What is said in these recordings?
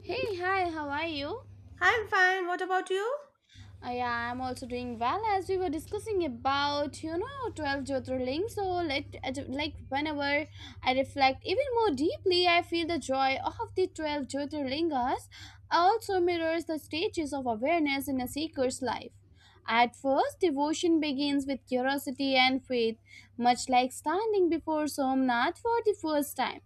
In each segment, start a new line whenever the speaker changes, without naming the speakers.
Hey, hi, how are you?
I'm fine. What about you?
Yeah, I'm also doing well. As we were discussing about 12 Jyotirlings. Whenever I reflect even more deeply, I feel the joy of the 12 Jyotirlingas also mirrors the stages of awareness in a seeker's life. At first, devotion begins with curiosity and faith, much like standing before Somnath for the first time.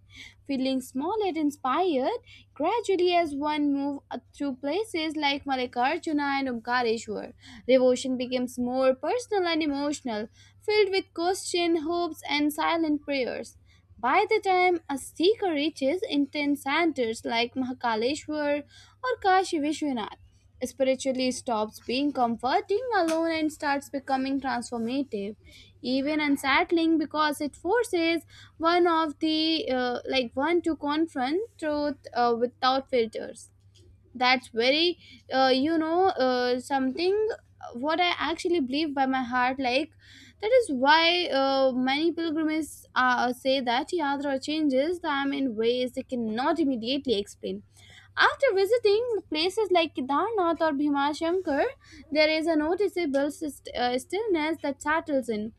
Feeling small and inspired, gradually as one moves through places like Malikarjuna and Omkareshwar, devotion becomes more personal and emotional, filled with question, hopes, and silent prayers. By the time a seeker reaches intense centers like Mahakaleshwar or Kashi Vishwanath, spiritually stops being comforting alone and starts becoming transformative, even unsettling because it forces one of the like one to confront truth without filters. That's very something what I actually believe by my heart, like that is why many pilgrims say that yatra changes them in ways they cannot immediately explain after visiting places like Kedarnath or Bhimashankar. There is a noticeable stillness that settles in.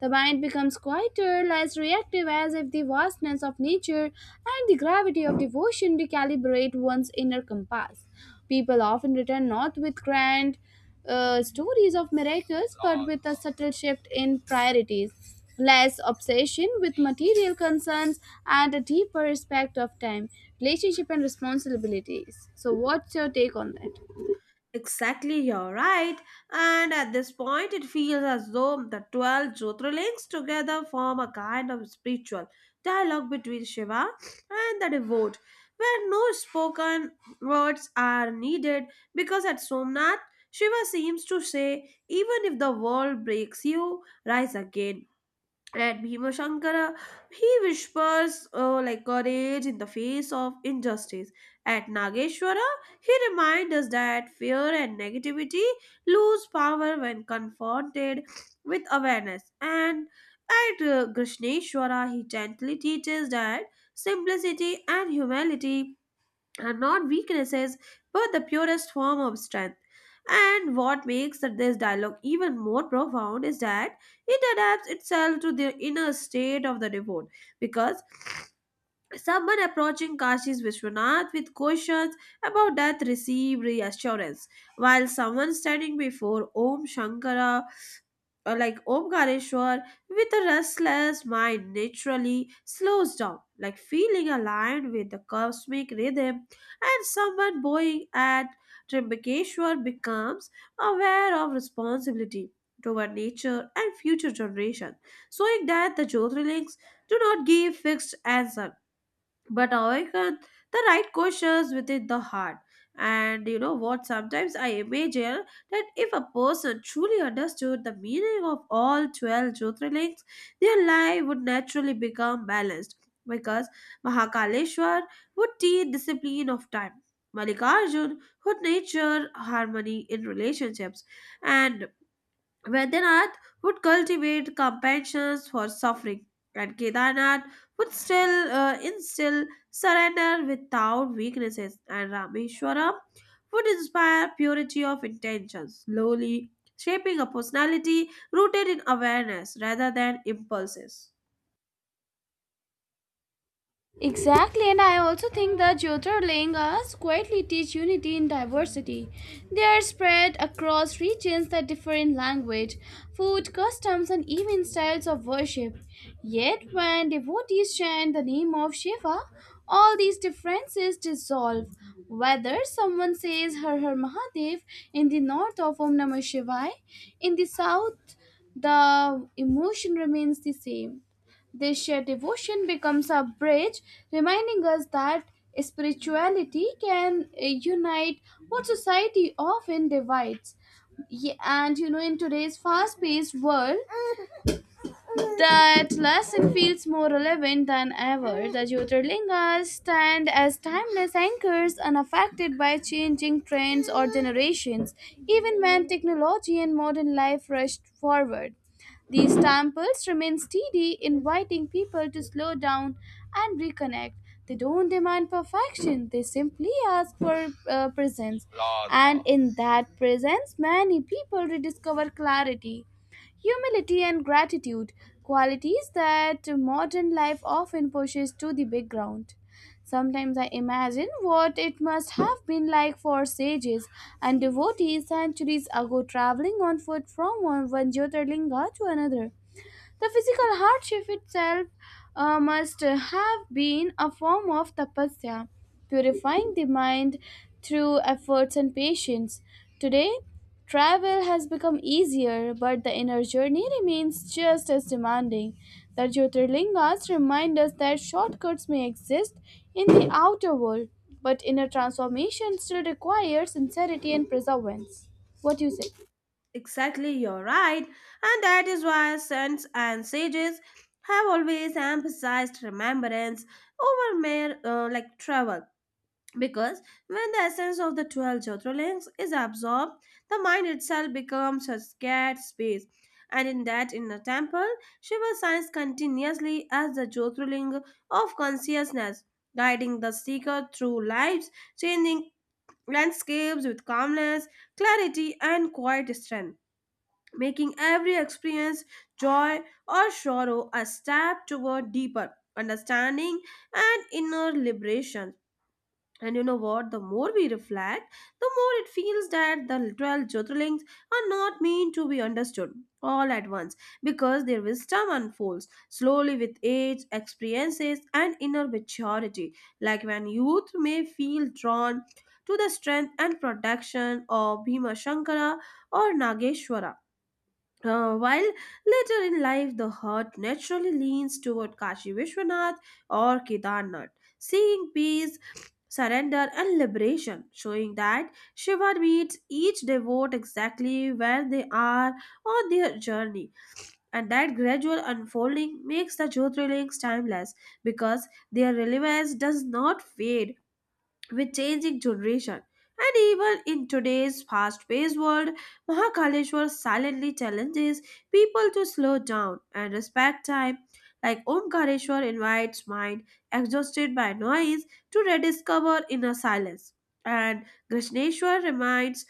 The mind becomes quieter, less reactive, as if the vastness of nature and the gravity of devotion recalibrate one's inner compass. People often return not with grand stories of miracles, but with a subtle shift in priorities, less obsession with material concerns, and a deeper respect of time, relationship, and responsibilities. So, what's your take on that?
Exactly, you're right. And at this point, it feels as though the 12 Jyotirlings together form a kind of spiritual dialogue between Shiva and the devote, where no spoken words are needed because at Somnath, Shiva seems to say, even if the world breaks you, rise again. At Bhima Shankara, he whispers like courage in the face of injustice. At Nageshwara, he reminds us that fear and negativity lose power when confronted with awareness. And at Krishneshwara, he gently teaches that simplicity and humility are not weaknesses but the purest form of strength. And what makes that this dialogue even more profound is that it adapts itself to the inner state of the devote, because someone approaching Kashi's Vishwanath with questions about death received reassurance, while someone standing before Om Shankara, like Omkareshwar, with a restless mind naturally slows down, like feeling aligned with the cosmic rhythm, and someone bowing at Trimbakeshwar becomes aware of responsibility toward nature and future generations, showing that the Jyotirlings do not give fixed answers but awaken the right questions within the heart. And you know what? Sometimes I imagine that if a person truly understood the meaning of all 12 Jyotirlings, their life would naturally become balanced, because Mahakaleshwar would teach discipline of time, Malikarjun would nature harmony in relationships, and Vaidyanath would cultivate compassion for suffering, and Kedarnath would still instill surrender without weaknesses, and Rameshwaram would inspire purity of intention, slowly shaping a personality rooted in awareness rather than impulses.
Exactly, and I also think the Jyotirlingas quietly teach unity in diversity. They are spread across regions that differ in language, food, customs, and even styles of worship. Yet, when devotees chant the name of Shiva, all these differences dissolve. Whether someone says Har Har Mahadev in the north of Om Namah Shivaya, in the south, the emotion remains the same. This shared devotion becomes a bridge, reminding us that spirituality can unite what society often divides. And you know, in today's fast paced world, that lesson feels more relevant than ever. The Jyotirlingas stand as timeless anchors unaffected by changing trends or generations, even when technology and modern life rushed forward. These temples remain steady, inviting people to slow down and reconnect. They don't demand perfection, they simply ask for presence. And in that presence, many people rediscover clarity. Humility and gratitude, qualities that modern life often pushes to the background. Sometimes I imagine what it must have been like for sages and devotees centuries ago traveling on foot from one Jyotirlinga to another. The physical hardship itself must have been a form of tapasya, purifying the mind through efforts and patience. Today, travel has become easier, but the inner journey remains just as demanding. The Jyotirlingas remind us that shortcuts may exist in the outer world, but inner transformation still requires sincerity and perseverance. What do you say?
Exactly, you're right, and that is why saints and sages have always emphasized remembrance over mere like travel, because when the essence of the 12 chatuarlings is absorbed, the mind itself becomes a scared space, and in that inner temple Shiva shines continuously as the Jyotirling of consciousness, guiding the seeker through life's changing landscapes with calmness, clarity, and quiet strength, making every experience, joy or sorrow, a step toward deeper understanding and inner liberation. And you know what? The more we reflect, the more it feels that the 12 Jyotirlings are not meant to be understood all at once, because their wisdom unfolds slowly with age, experiences, and inner maturity. Like when youth may feel drawn to the strength and protection of Bhima Shankara or Nageshwara, while later in life the heart naturally leans toward Kashi Vishwanath or Kedarnath, seeing peace, surrender, and liberation, showing that Shiva meets each devote exactly where they are on their journey, and that gradual unfolding makes the Jyotirlings timeless, because their relevance does not fade with changing generation. And even in today's fast-paced world, Mahakaleshwar silently challenges people to slow down and respect time. Like Omkareshwar invites mind exhausted by noise to rediscover inner silence. And Krishneshwar reminds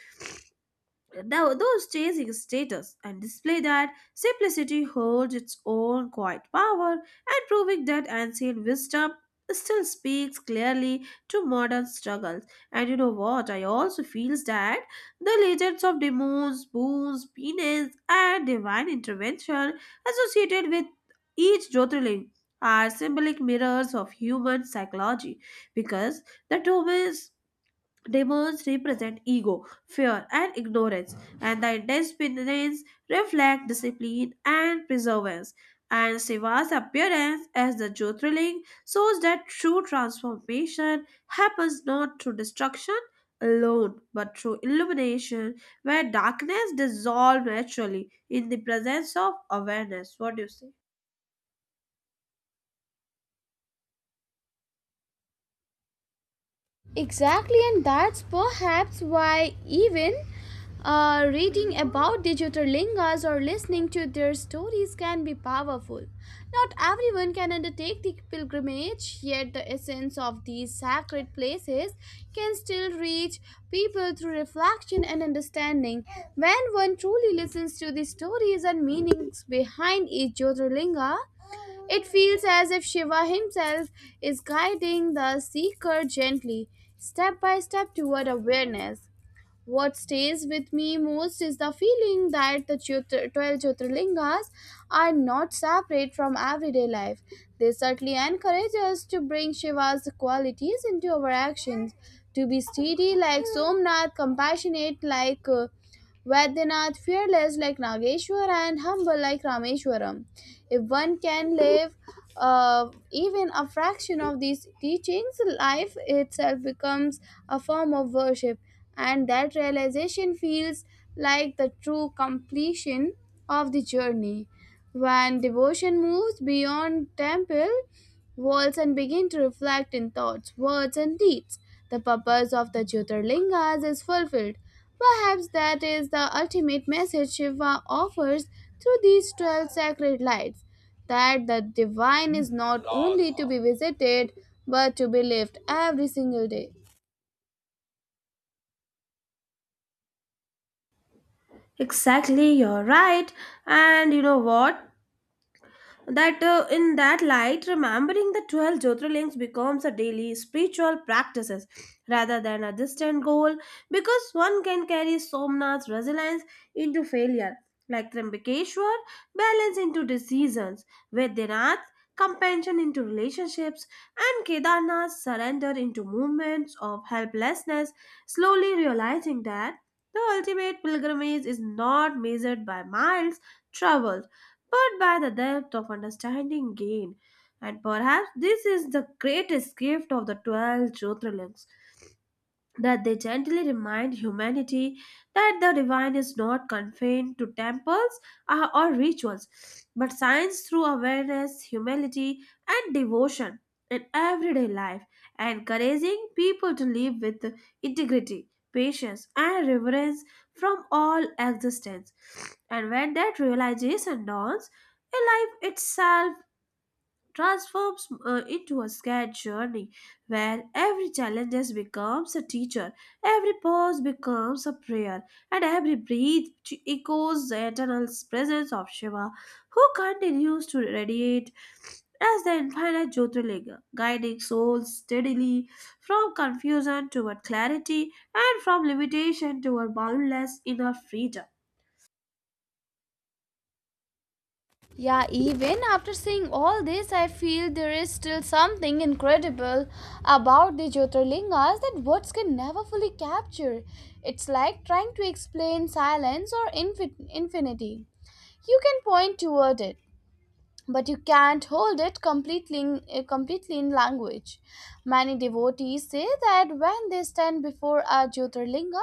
Those chasing status and display that simplicity holds its own quiet power, and proving that ancient wisdom still speaks clearly to modern struggles. And you know what? I also feels that the legends of demons, boons, penis, and divine intervention associated with each Jyotirling are symbolic mirrors of human psychology, because the demons represent ego, fear, and ignorance, and the intense spirits reflect discipline and perseverance. And Shiva's appearance as the Jyotirling shows that true transformation happens not through destruction alone, but through illumination, where darkness dissolves naturally in the presence of awareness. What do you say?
Exactly, and that's perhaps why even reading about digital lingas or listening to their stories can be powerful. Not everyone can undertake the pilgrimage, yet the essence of these sacred places can still reach people through reflection and understanding. When one truly listens to the stories and meanings behind each Jyotirlinga, it feels as if Shiva himself is guiding the seeker gently, step by step toward awareness. What stays with me most is the feeling that the 12 Jyotirlingas are not separate from everyday life. They certainly encourage us to bring Shiva's qualities into our actions, to be steady like Somnath, compassionate like Vaidyanath, fearless like Nageshwar and humble like Rameshwaram. If one can live even a fraction of these teachings, life itself becomes a form of worship, and that realization feels like the true completion of the journey. When devotion moves beyond temple walls and begin to reflect in thoughts, words, and deeds, the purpose of the Jyotirlingas is fulfilled. Perhaps that is the ultimate message Shiva offers through these 12 sacred lights that the divine is not only to be visited but to be lived every single day.
Exactly, you're right. And you know what? That In that light, remembering the 12 Jyotirlings becomes a daily spiritual practices rather than a distant goal, because one can carry Somnath's resilience into failure, like Trimbakeshwar balance into decisions, Vaidyanath compassion into relationships, and Kedarnath surrender into movements of helplessness, slowly realizing that the ultimate pilgrimage is not measured by miles traveled, but by the depth of understanding gained. And perhaps this is the greatest gift of the 12 Jyotirlings, that they gently remind humanity that the divine is not confined to temples or rituals, but shines through awareness, humility, and devotion in everyday life, encouraging people to live with integrity, patience, and reverence from all existence. And when that realization dawns, a life itself transforms into a scared journey, where every challenge becomes a teacher, every pause becomes a prayer, and every breath echoes the eternal presence of Shiva, who continues to radiate as the infinite Jyotirlinga, guiding souls steadily from confusion toward clarity and from limitation toward boundless inner freedom.
Yeah, even after seeing all this, I feel there is still something incredible about the Jyotirlingas that words can never fully capture. It's like trying to explain silence or infinity. You can point toward it, but you can't hold it completely completely in language. Many devotees say that when they stand before a Jyotirlinga,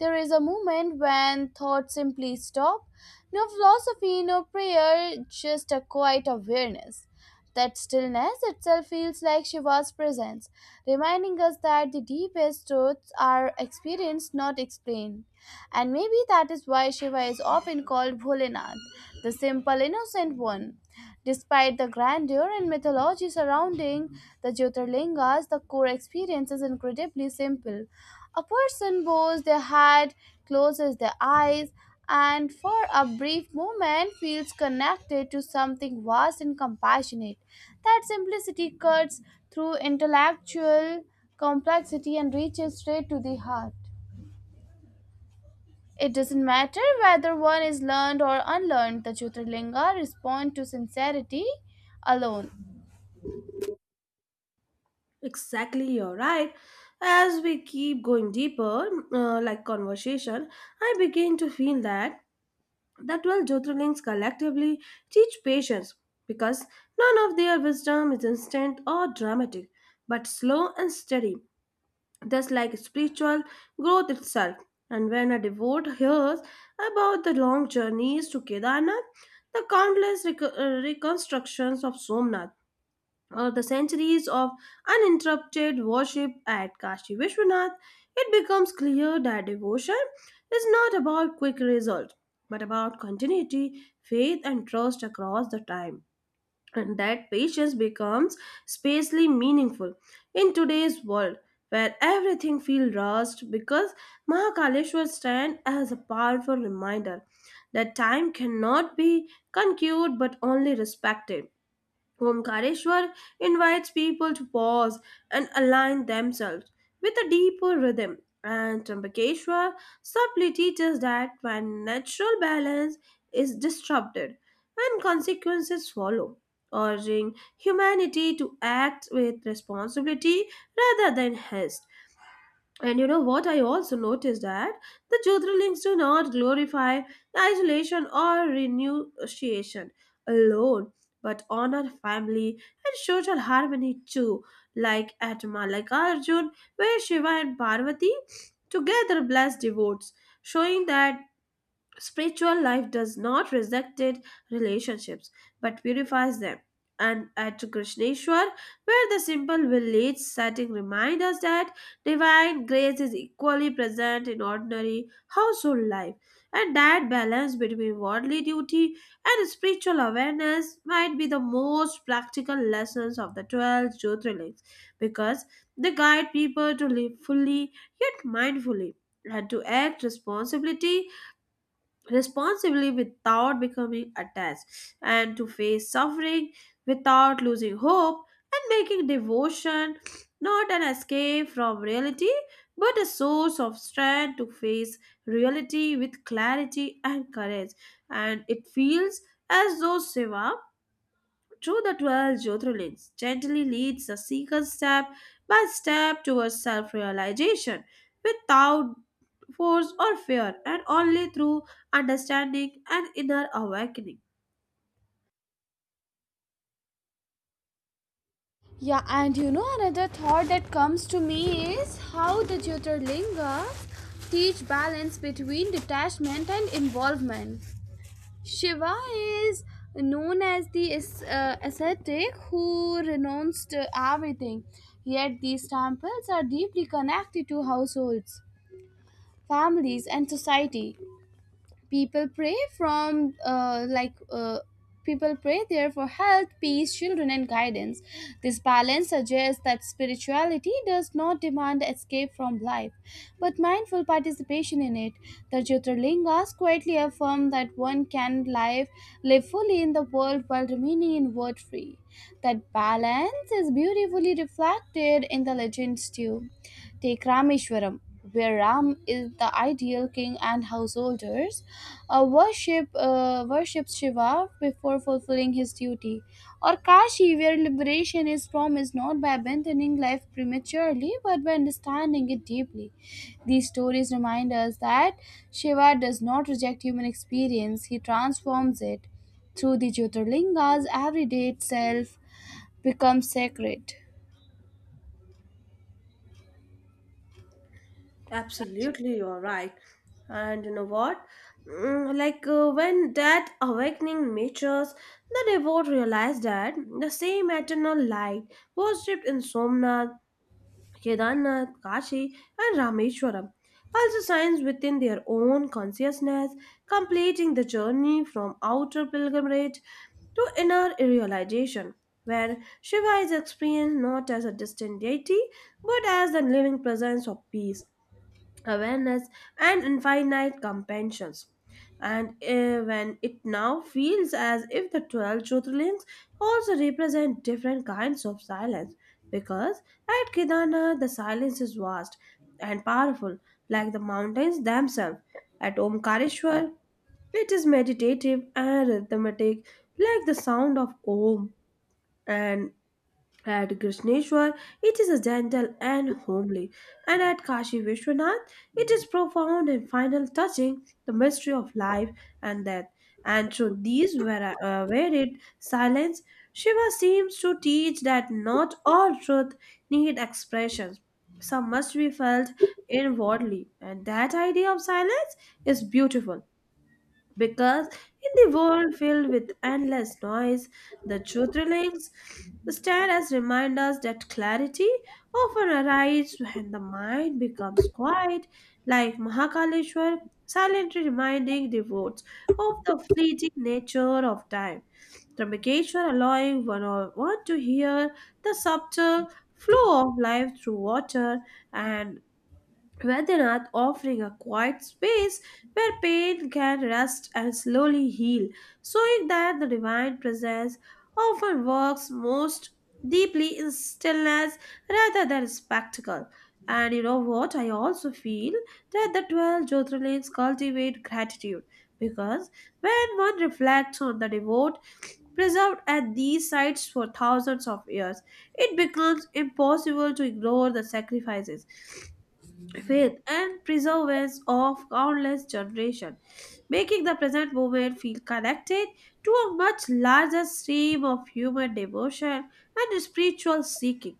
there is a moment when thoughts simply stop. No philosophy, no prayer, just a quiet awareness. That stillness itself feels like Shiva's presence, reminding us that the deepest truths are experienced, not explained. And maybe that is why Shiva is often called Bholenath, the simple, innocent one. Despite the grandeur and mythology surrounding the Jyotirlingas, the core experience is incredibly simple. A person bows their head, closes their eyes, and for a brief moment feels connected to something vast and compassionate. That simplicity cuts through intellectual complexity and reaches straight to the heart. It doesn't matter whether one is learned or unlearned, the Jyotirlinga respond to sincerity alone.
Exactly, you're right. As we keep going deeper, like conversation, I begin to feel that the 12 Jyotirlings collectively teach patience, because none of their wisdom is instant or dramatic, but slow and steady, just like spiritual growth itself. And when a devote hears about the long journeys to Kedarnath, the countless reconstructions of Somnath, or the centuries of uninterrupted worship at Kashi Vishwanath, it becomes clear that devotion is not about quick results, but about continuity, faith, and trust across the time. And that patience becomes spacely meaningful in today's world, where everything feels rushed, because Mahakaleshwar stands as a powerful reminder that time cannot be conquered but only respected. Omkareshwar invites people to pause and align themselves with a deeper rhythm, and Trambakeshwar subtly teaches that when natural balance is disrupted and consequences follow, urging humanity to act with responsibility rather than haste. And you know what? I also noticed that the Jyotirlings do not glorify isolation or renunciation alone, but honor family and social harmony too, like at Malakarjun, where Shiva and Parvati together bless devotees, showing that spiritual life does not reject relationships but purifies them. And at Krishneshwar, where the simple village setting reminds us that divine grace is equally present in ordinary household life, and that balance between worldly duty and spiritual awareness might be the most practical lessons of the 12 Jyotirlings, because they guide people to live fully yet mindfully, and to act responsibility responsibly without becoming attached, and to face suffering without losing hope, and making devotion not an escape from reality but a source of strength to face reality with clarity and courage. And it feels as though Shiva through the 12 Jyotirlings gently leads the seeker step by step towards self realization without force or fear, and only through understanding and inner awakening.
Yeah, and you know, another thought that comes to me is how the Jyotirlingas teach balance between detachment and involvement. Shiva is known as the ascetic who renounced everything, yet, these temples are deeply connected to households, families, and society. People pray from people pray there for health, peace, children and guidance. This balance suggests that spirituality does not demand escape from life but mindful participation in it. The Jyotirlingas quietly affirm that one can live fully in the world while remaining inward free. That balance is beautifully reflected in the legends too. Take Rameshwaram, where Ram is the ideal king and householders worships Shiva before fulfilling his duty. Or Kashi, where liberation is promised not by abandoning life prematurely but by understanding it deeply. These stories remind us that Shiva does not reject human experience, he transforms it. Through the Jyotirlingas, everyday itself becomes sacred.
Absolutely, you're right. And you know what? Like when that awakening matures, the devotee realized that the same eternal light worshipped in Somnath, Kedarnath, Kashi, and Rameshwaram, also signs within their own consciousness, completing the journey from outer pilgrimage to inner realization, where Shiva is experienced not as a distant deity but as the living presence of peace, awareness, and infinite compassions. And when it now feels as if the 12 truthfulings also represent different kinds of silence, because at Kedarnath the silence is vast and powerful like the mountains themselves, at Omkareshwar it is meditative and rhythmic like the sound of om, and at Krishneshwar, it is a gentle and homely, and at Kashi Vishwanath, it is profound and final, touching the mystery of life and death. And through these varied silence, Shiva seems to teach that not all truth need expressions. Some must be felt inwardly, and that idea of silence is beautiful, because in the world filled with endless noise, the truth rulings stand as reminders that clarity often arrives when the mind becomes quiet, like Mahakaleshwar, silently reminding devotees of the fleeting nature of time. Trimbakeshwar allowing one to hear the subtle flow of life through water, and Vaidyanath offering a quiet space where pain can rest and slowly heal, showing that the divine presence often works most deeply in stillness rather than spectacle. And you know what? I also feel that the 12 Jyotirlings cultivate gratitude, because when one reflects on the devote preserved at these sites for thousands of years, it becomes impossible to ignore the sacrifices, faith, and preservance of countless generations, making the present moment feel connected to a much larger stream of human devotion and spiritual seeking.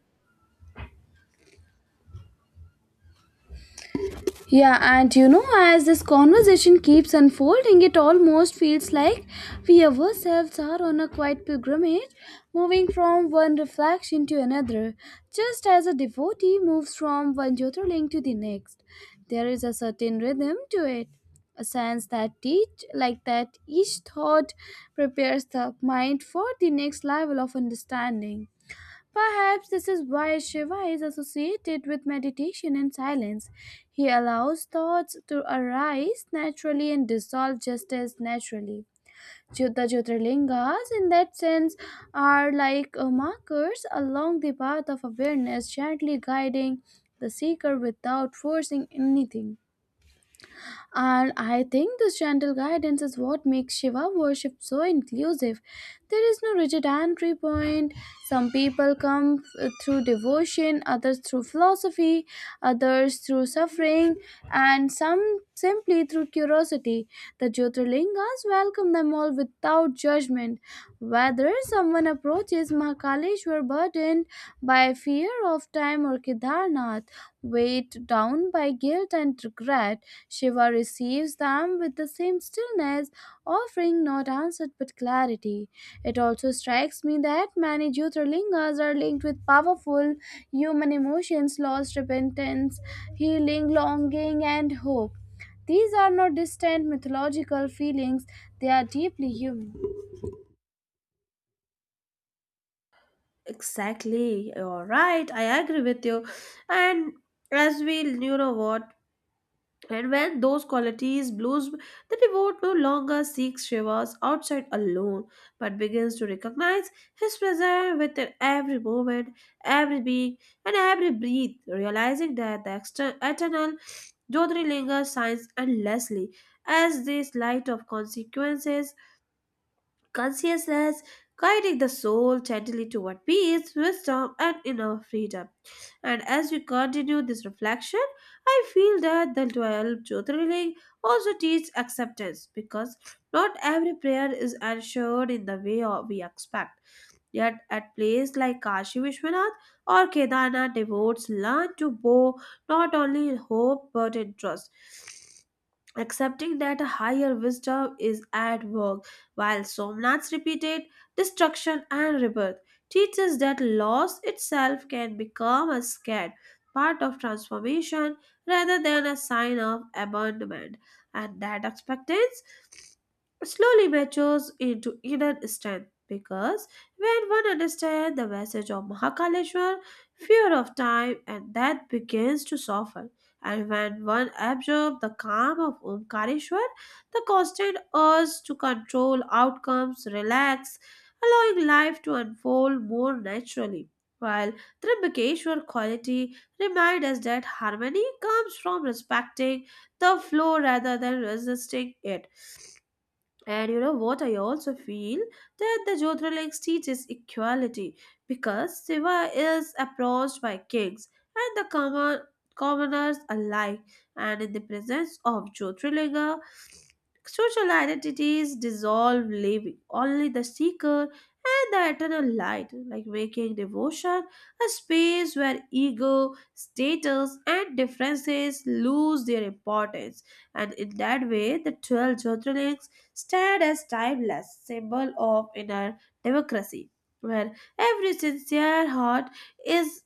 Yeah, and you know, as this conversation keeps unfolding, it almost feels like we ourselves are on a quiet pilgrimage, moving from one reflection to another, just as a devotee moves from one Jyotirling to the next. There is a certain rhythm to it, a sense that each thought prepares the mind for the next level of understanding. Perhaps this is why Shiva is associated with meditation and silence. He allows thoughts to arise naturally and dissolve just as naturally. The Jyotirlingas, in that sense, are like markers along the path of awareness, gently guiding the seeker without forcing anything. And I think this gentle guidance is what makes Shiva worship so inclusive. There is no rigid entry point. Some people come through devotion, others through philosophy, others through suffering, and some simply through curiosity. The Jyotirlingas welcome them all without judgment. Whether someone approaches Mahakaleshwar burdened by fear of time or Kedarnath, weighed down by guilt and regret, Shiva receives them with the same stillness, offering not answer but clarity. It also strikes me that many Jyotirlingas are linked with powerful human emotions, loss, repentance, healing, longing, and hope. These are not distant mythological feelings, they are deeply human.
Exactly, you're right, I agree with you. And you know what, and when those qualities bloom, the devote no longer seeks Shiva's outside alone, but begins to recognize his presence within every moment, every being, and every breath, realizing that the eternal Jyotirlinga shines endlessly as this light of consequences consciousness, guiding the soul gently toward peace, wisdom, and inner freedom. And as we continue this reflection, I feel that the 12 Jyotirlinga also teach acceptance, because not every prayer is answered in the way or we expect. Yet, at places like Kashi Vishwanath or Kedarnath, devotees learn to bow not only in hope but in trust, accepting that a higher wisdom is at work, while Somnath's repeated destruction and rebirth teaches that loss itself can become a scared part of transformation rather than a sign of abandonment, and that expectance slowly matures into inner strength. Because when one understands the message of Mahakaleshwar, fear of time and death begins to soften. And when one absorbs the calm of Omkareshwar, the constant urge to control outcomes, relax, allowing life to unfold more naturally. While Trimbakeshwar quality reminds us that harmony comes from respecting the flow rather than resisting it. And you know what? I also feel that the Jyotirlingas teaches equality because Shiva is approached by kings and the commoners alike, and in the presence of Jyotirlinga, social identities dissolve, leaving only the seeker and the eternal light, like making devotion a space where ego, status, and differences lose their importance. And in that way, the 12 Jyotirlingas stand as timeless symbol of inner democracy, where every sincere heart is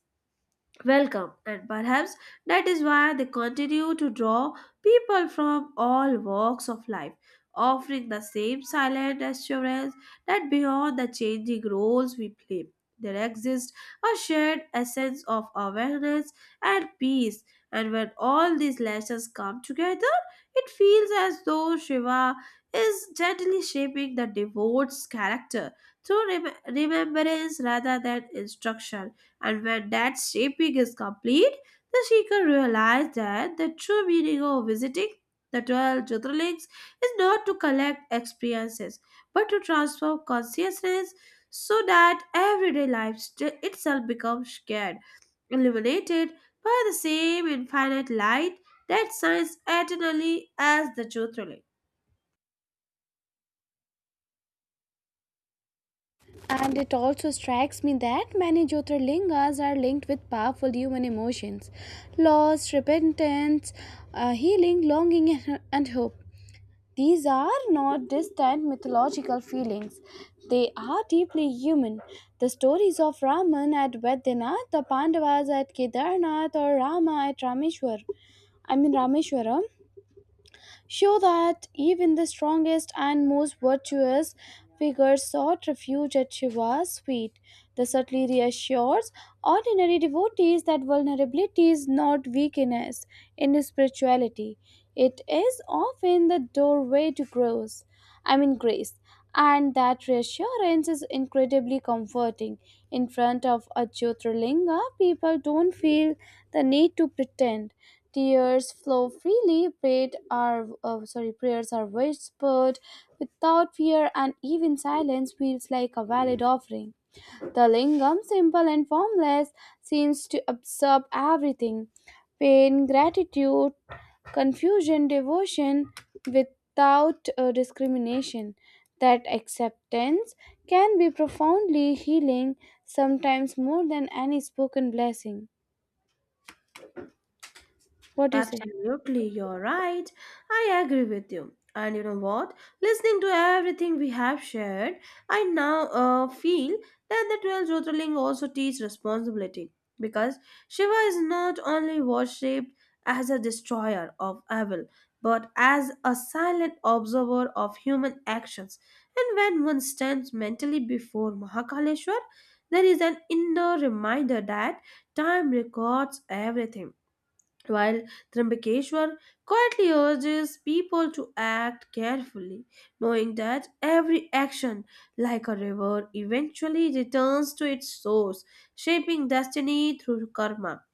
welcome, and perhaps that is why they continue to draw people from all walks of life, offering the same silent assurance that beyond the changing roles we play there exists a shared essence of awareness and peace. And when all these lessons come together, it feels as though Shiva is gently shaping the devotee's character through remembrance rather than instruction. And when that shaping is complete, the seeker realizes that the true meaning of visiting the 12 Jyotirlings is not to collect experiences but to transform consciousness, so that everyday life itself becomes shared, illuminated by the same infinite light that shines eternally as the Jyotirling.
And it also strikes me that many Jyotirlingas are linked with powerful human emotions, loss, repentance, healing, longing, and hope. These are not distant mythological feelings, they are deeply human. The stories of Raman at Vedanath, the Pandavas at Kedarnath, or Rama at Rameshwar, I mean Rameshwaram, show that even the strongest and most virtuous figures sought refuge at Shiva's feet. The subtly reassures ordinary devotees that vulnerability is not weakness in spirituality. It is often the doorway to growth. I mean grace, and that reassurance is incredibly comforting. In front of a Jyotirlinga, people don't feel the need to pretend. Tears flow freely, prayers are whispered without fear, and even silence feels like a valid offering. The lingam, simple and formless, seems to absorb everything: pain, gratitude, confusion, devotion, without discrimination. That acceptance can be profoundly healing, sometimes more than any spoken blessing. What do you say?
Absolutely, you're right. I agree with you. And you know what? Listening to everything we have shared, I now feel that the 12 Jyotirling also teach responsibility because Shiva is not only worshipped as a destroyer of evil but as a silent observer of human actions. And when one stands mentally before Mahakaleshwar, there is an inner reminder that time records everything, while Trambakeshwar quietly urges people to act carefully, knowing that every action, like a river, eventually returns to its source, shaping destiny through karma.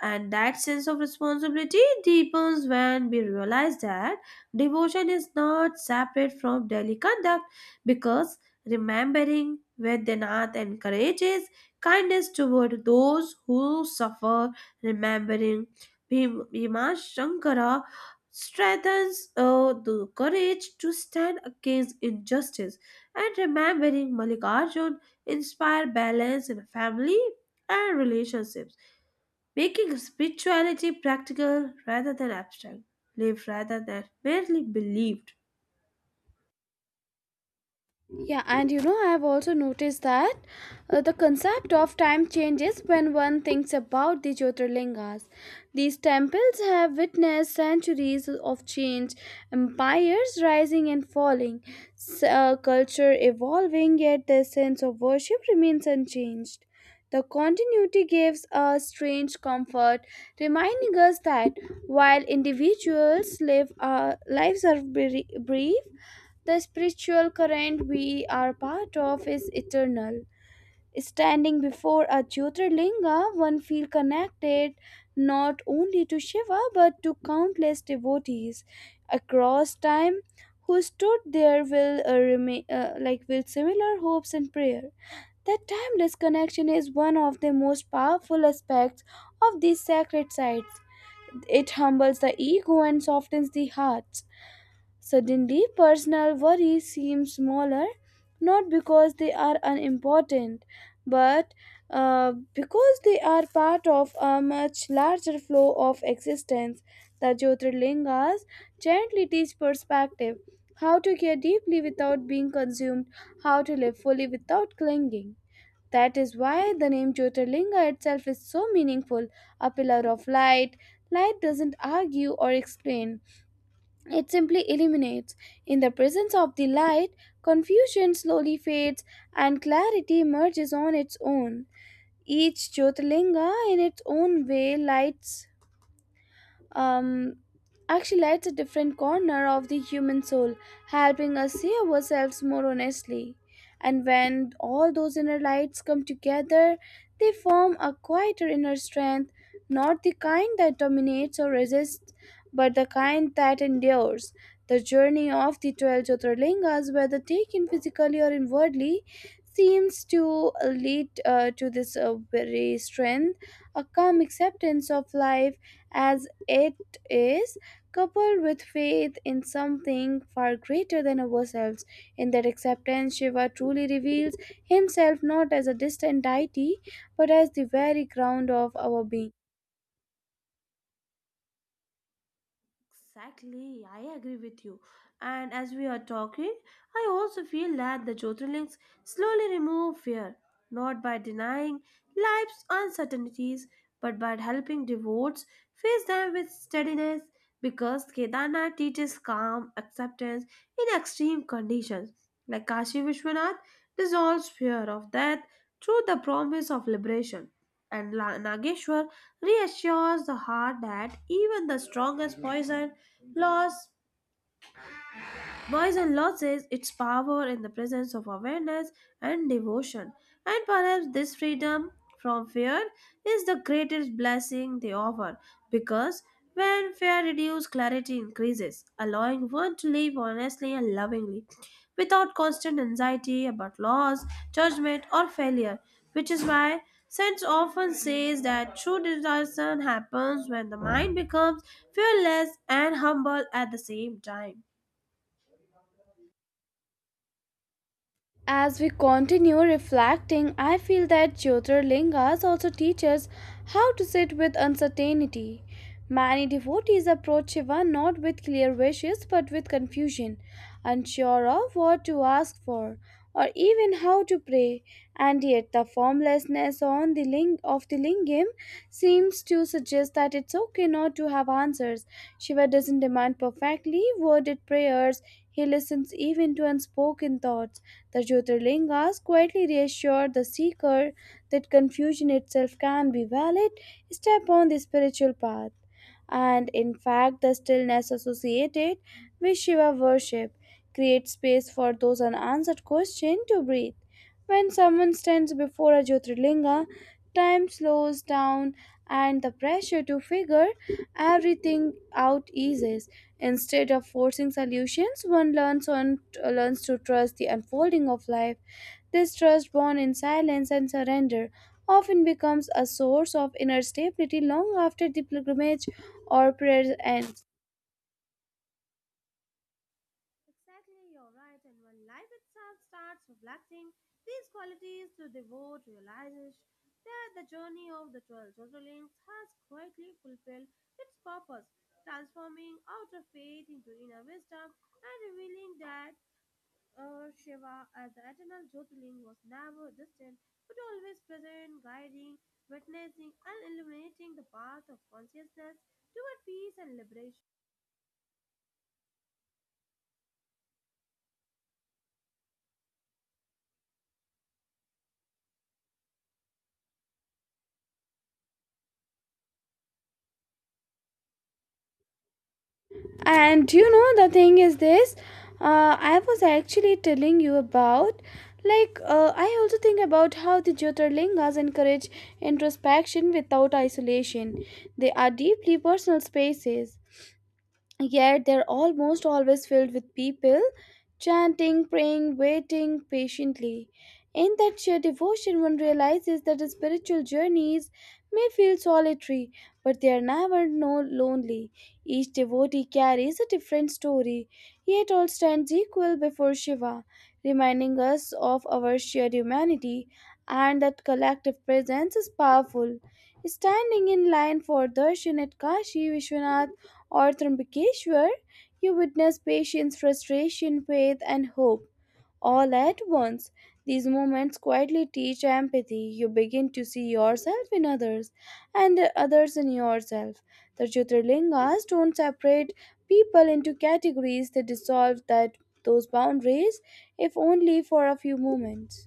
And that sense of responsibility deepens when we realize that devotion is not separate from daily conduct, because remembering Vedanath encourages kindness toward those who suffer, remembering Bhima Shankara strengthens the courage to stand against injustice, and remembering Malikarjun inspire balance in family and relationships, making spirituality practical rather than abstract, live rather than merely believed.
Yeah, and you know, I have also noticed that the concept of time changes when one thinks about the Jyotirlingas. These temples have witnessed centuries of change, empires rising and falling, culture evolving, yet their sense of worship remains unchanged. The continuity gives a strange comfort, reminding us that while individuals live our lives are brief, the spiritual current we are part of is eternal. Standing before a Jyotirlinga, one feels connected not only to Shiva but to countless devotees across time who stood there will remain like with similar hopes and prayer. That timeless connection is one of the most powerful aspects of these sacred sites. It humbles the ego and softens the hearts. Suddenly, personal worries seem smaller, not because they are unimportant, but because they are part of a much larger flow of existence. The Jyotirlingas gently teach perspective, how to care deeply without being consumed, how to live fully without clinging. That is why the name Jyotirlinga itself is so meaningful, a pillar of light. Light doesn't argue or explain, it simply illuminates. In the presence of the light, confusion slowly fades and clarity emerges on its own. Each Jyotirlinga, in its own way, lights um, actually lights a different corner of the human soul, helping us see ourselves more honestly. And when all those inner lights come together, they form a quieter inner strength, not the kind that dominates or resists, but the kind that endures. The journey of the 12 Jyotirlingas, whether taken physically or inwardly, seems to lead to this very strength, a calm acceptance of life as it is, coupled with faith in something far greater than ourselves. In that acceptance, Shiva truly reveals himself not as a distant deity but as the very ground of our being.
Exactly, I agree with you. And as we are talking, I also feel that the Jyotirlings slowly remove fear, not by denying life's uncertainties, but by helping devotees face them with steadiness, because Kedarnath teaches calm acceptance in extreme conditions. Like Kashi Vishwanath dissolves fear of death through the promise of liberation, and Nageshwar reassures the heart that even the strongest poison lasts. Poison loses its power in the presence of awareness and devotion, and perhaps this freedom from fear is the greatest blessing they offer, because when fear reduces, clarity increases, allowing one to live honestly and lovingly without constant anxiety about loss, judgment, or failure, which is why sense often says that true discernment happens when the mind becomes fearless and humble at the same time.
As we continue reflecting, I feel that Jyotirlingas also teach us how to sit with uncertainty. Many devotees approach Shiva not with clear wishes but with confusion, unsure of what to ask for or even how to pray, and yet the formlessness on the of the lingam seems to suggest that it's okay not to have answers. Shiva doesn't demand perfectly worded prayers, he listens even to unspoken thoughts. The Jyotirlingas quietly reassure the seeker that confusion itself can be valid step on the spiritual path, and in fact the stillness associated with Shiva worship creates space for those unanswered questions to breathe. When someone stands before a Jyotirlinga, time slows down and the pressure to figure everything out eases. Instead of forcing solutions, one learns on learns to trust the unfolding of life. This trust born in silence and surrender often becomes a source of inner stability long after the pilgrimage or prayers ends.
Exactly, you're right. And when life itself starts reflecting these qualities, the devote realizes that the journey of the 12 Zotolings has quietly fulfilled its purpose, transforming outer faith into inner wisdom and revealing that Shiva as the eternal Jyotirling was never distant but always present, guiding, witnessing, and illuminating the path of consciousness toward peace and liberation.
And do you know, the thing is this, I was actually telling you about like I also think about how the Jyotirlingas encourage introspection without isolation. They are deeply personal spaces, yet they're almost always filled with people chanting, praying, waiting patiently. In that sheer devotion, one realizes that spiritual journeys may feel solitary, but they are never no lonely. Each devotee carries a different story, yet all stands equal before Shiva, reminding us of our shared humanity, and that collective presence is powerful. Standing in line for darshan at Kashi Vishwanath or Trimbakeshwar, you witness patience, frustration, faith, and hope all at once. These moments quietly teach empathy. You begin to see yourself in others and others in yourself. The Jyotirlingas don't separate people into categories, they dissolve that those boundaries, if only for a few moments.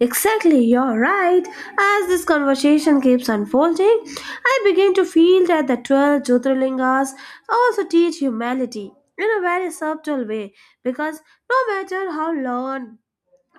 Exactly, you're right. As this conversation keeps unfolding, I begin to feel that the 12 Jyotirlingas also teach humanity in a very subtle way, because no matter how learned,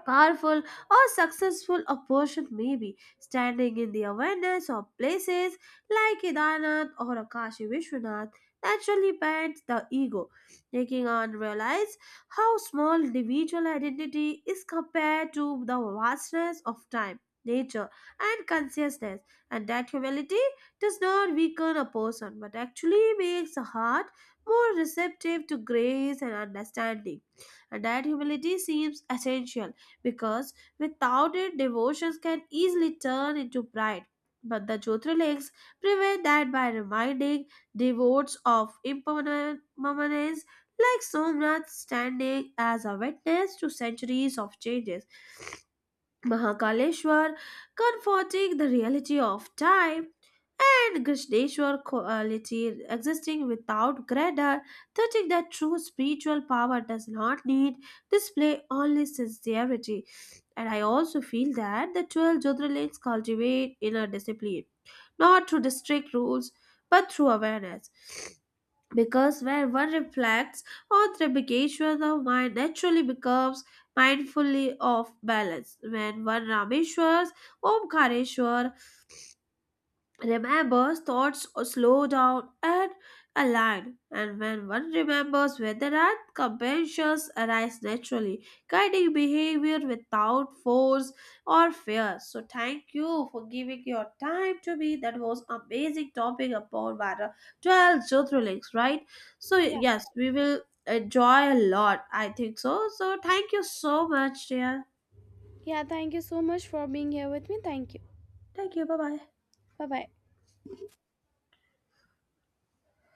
powerful, or successful a person may be, standing in the awareness of places like Kedarnath or Akashi Vishwanath naturally bends the ego, making one realize how small individual identity is compared to the vastness of time, nature, and consciousness, and that humility does not weaken a person but actually makes the heart more receptive to grace and understanding, and that humility seems essential because without it, devotions can easily turn into pride. But the Jyotirlingas prevent that by reminding devotees of impermanence, like Somnath standing as a witness to centuries of changes. Mahakaleshwar, comforting the reality of time, and Krishneshwar, quality existing without grandeur, touching that true spiritual power does not need display, only sincerity. And I also feel that the 12 Jyotirlings cultivate inner discipline, not through strict rules, but through awareness, because when one reflects on the vacation, the mind naturally becomes mindfully off balance. When one Rameshwars, Omkareshwar, Remembers, thoughts slow down and align, and when one remembers where they are, compassions arise naturally, guiding behavior without force or fear. So, thank you for giving your time to me. That was amazing topic upon matter 12 Jyotirlings, right? So,
Yeah.
yes, we will enjoy a lot, I think so. So, thank you so much, dear.
Yeah, thank you so much for being here with me. Thank you.
Thank you. Bye bye.
Bye bye.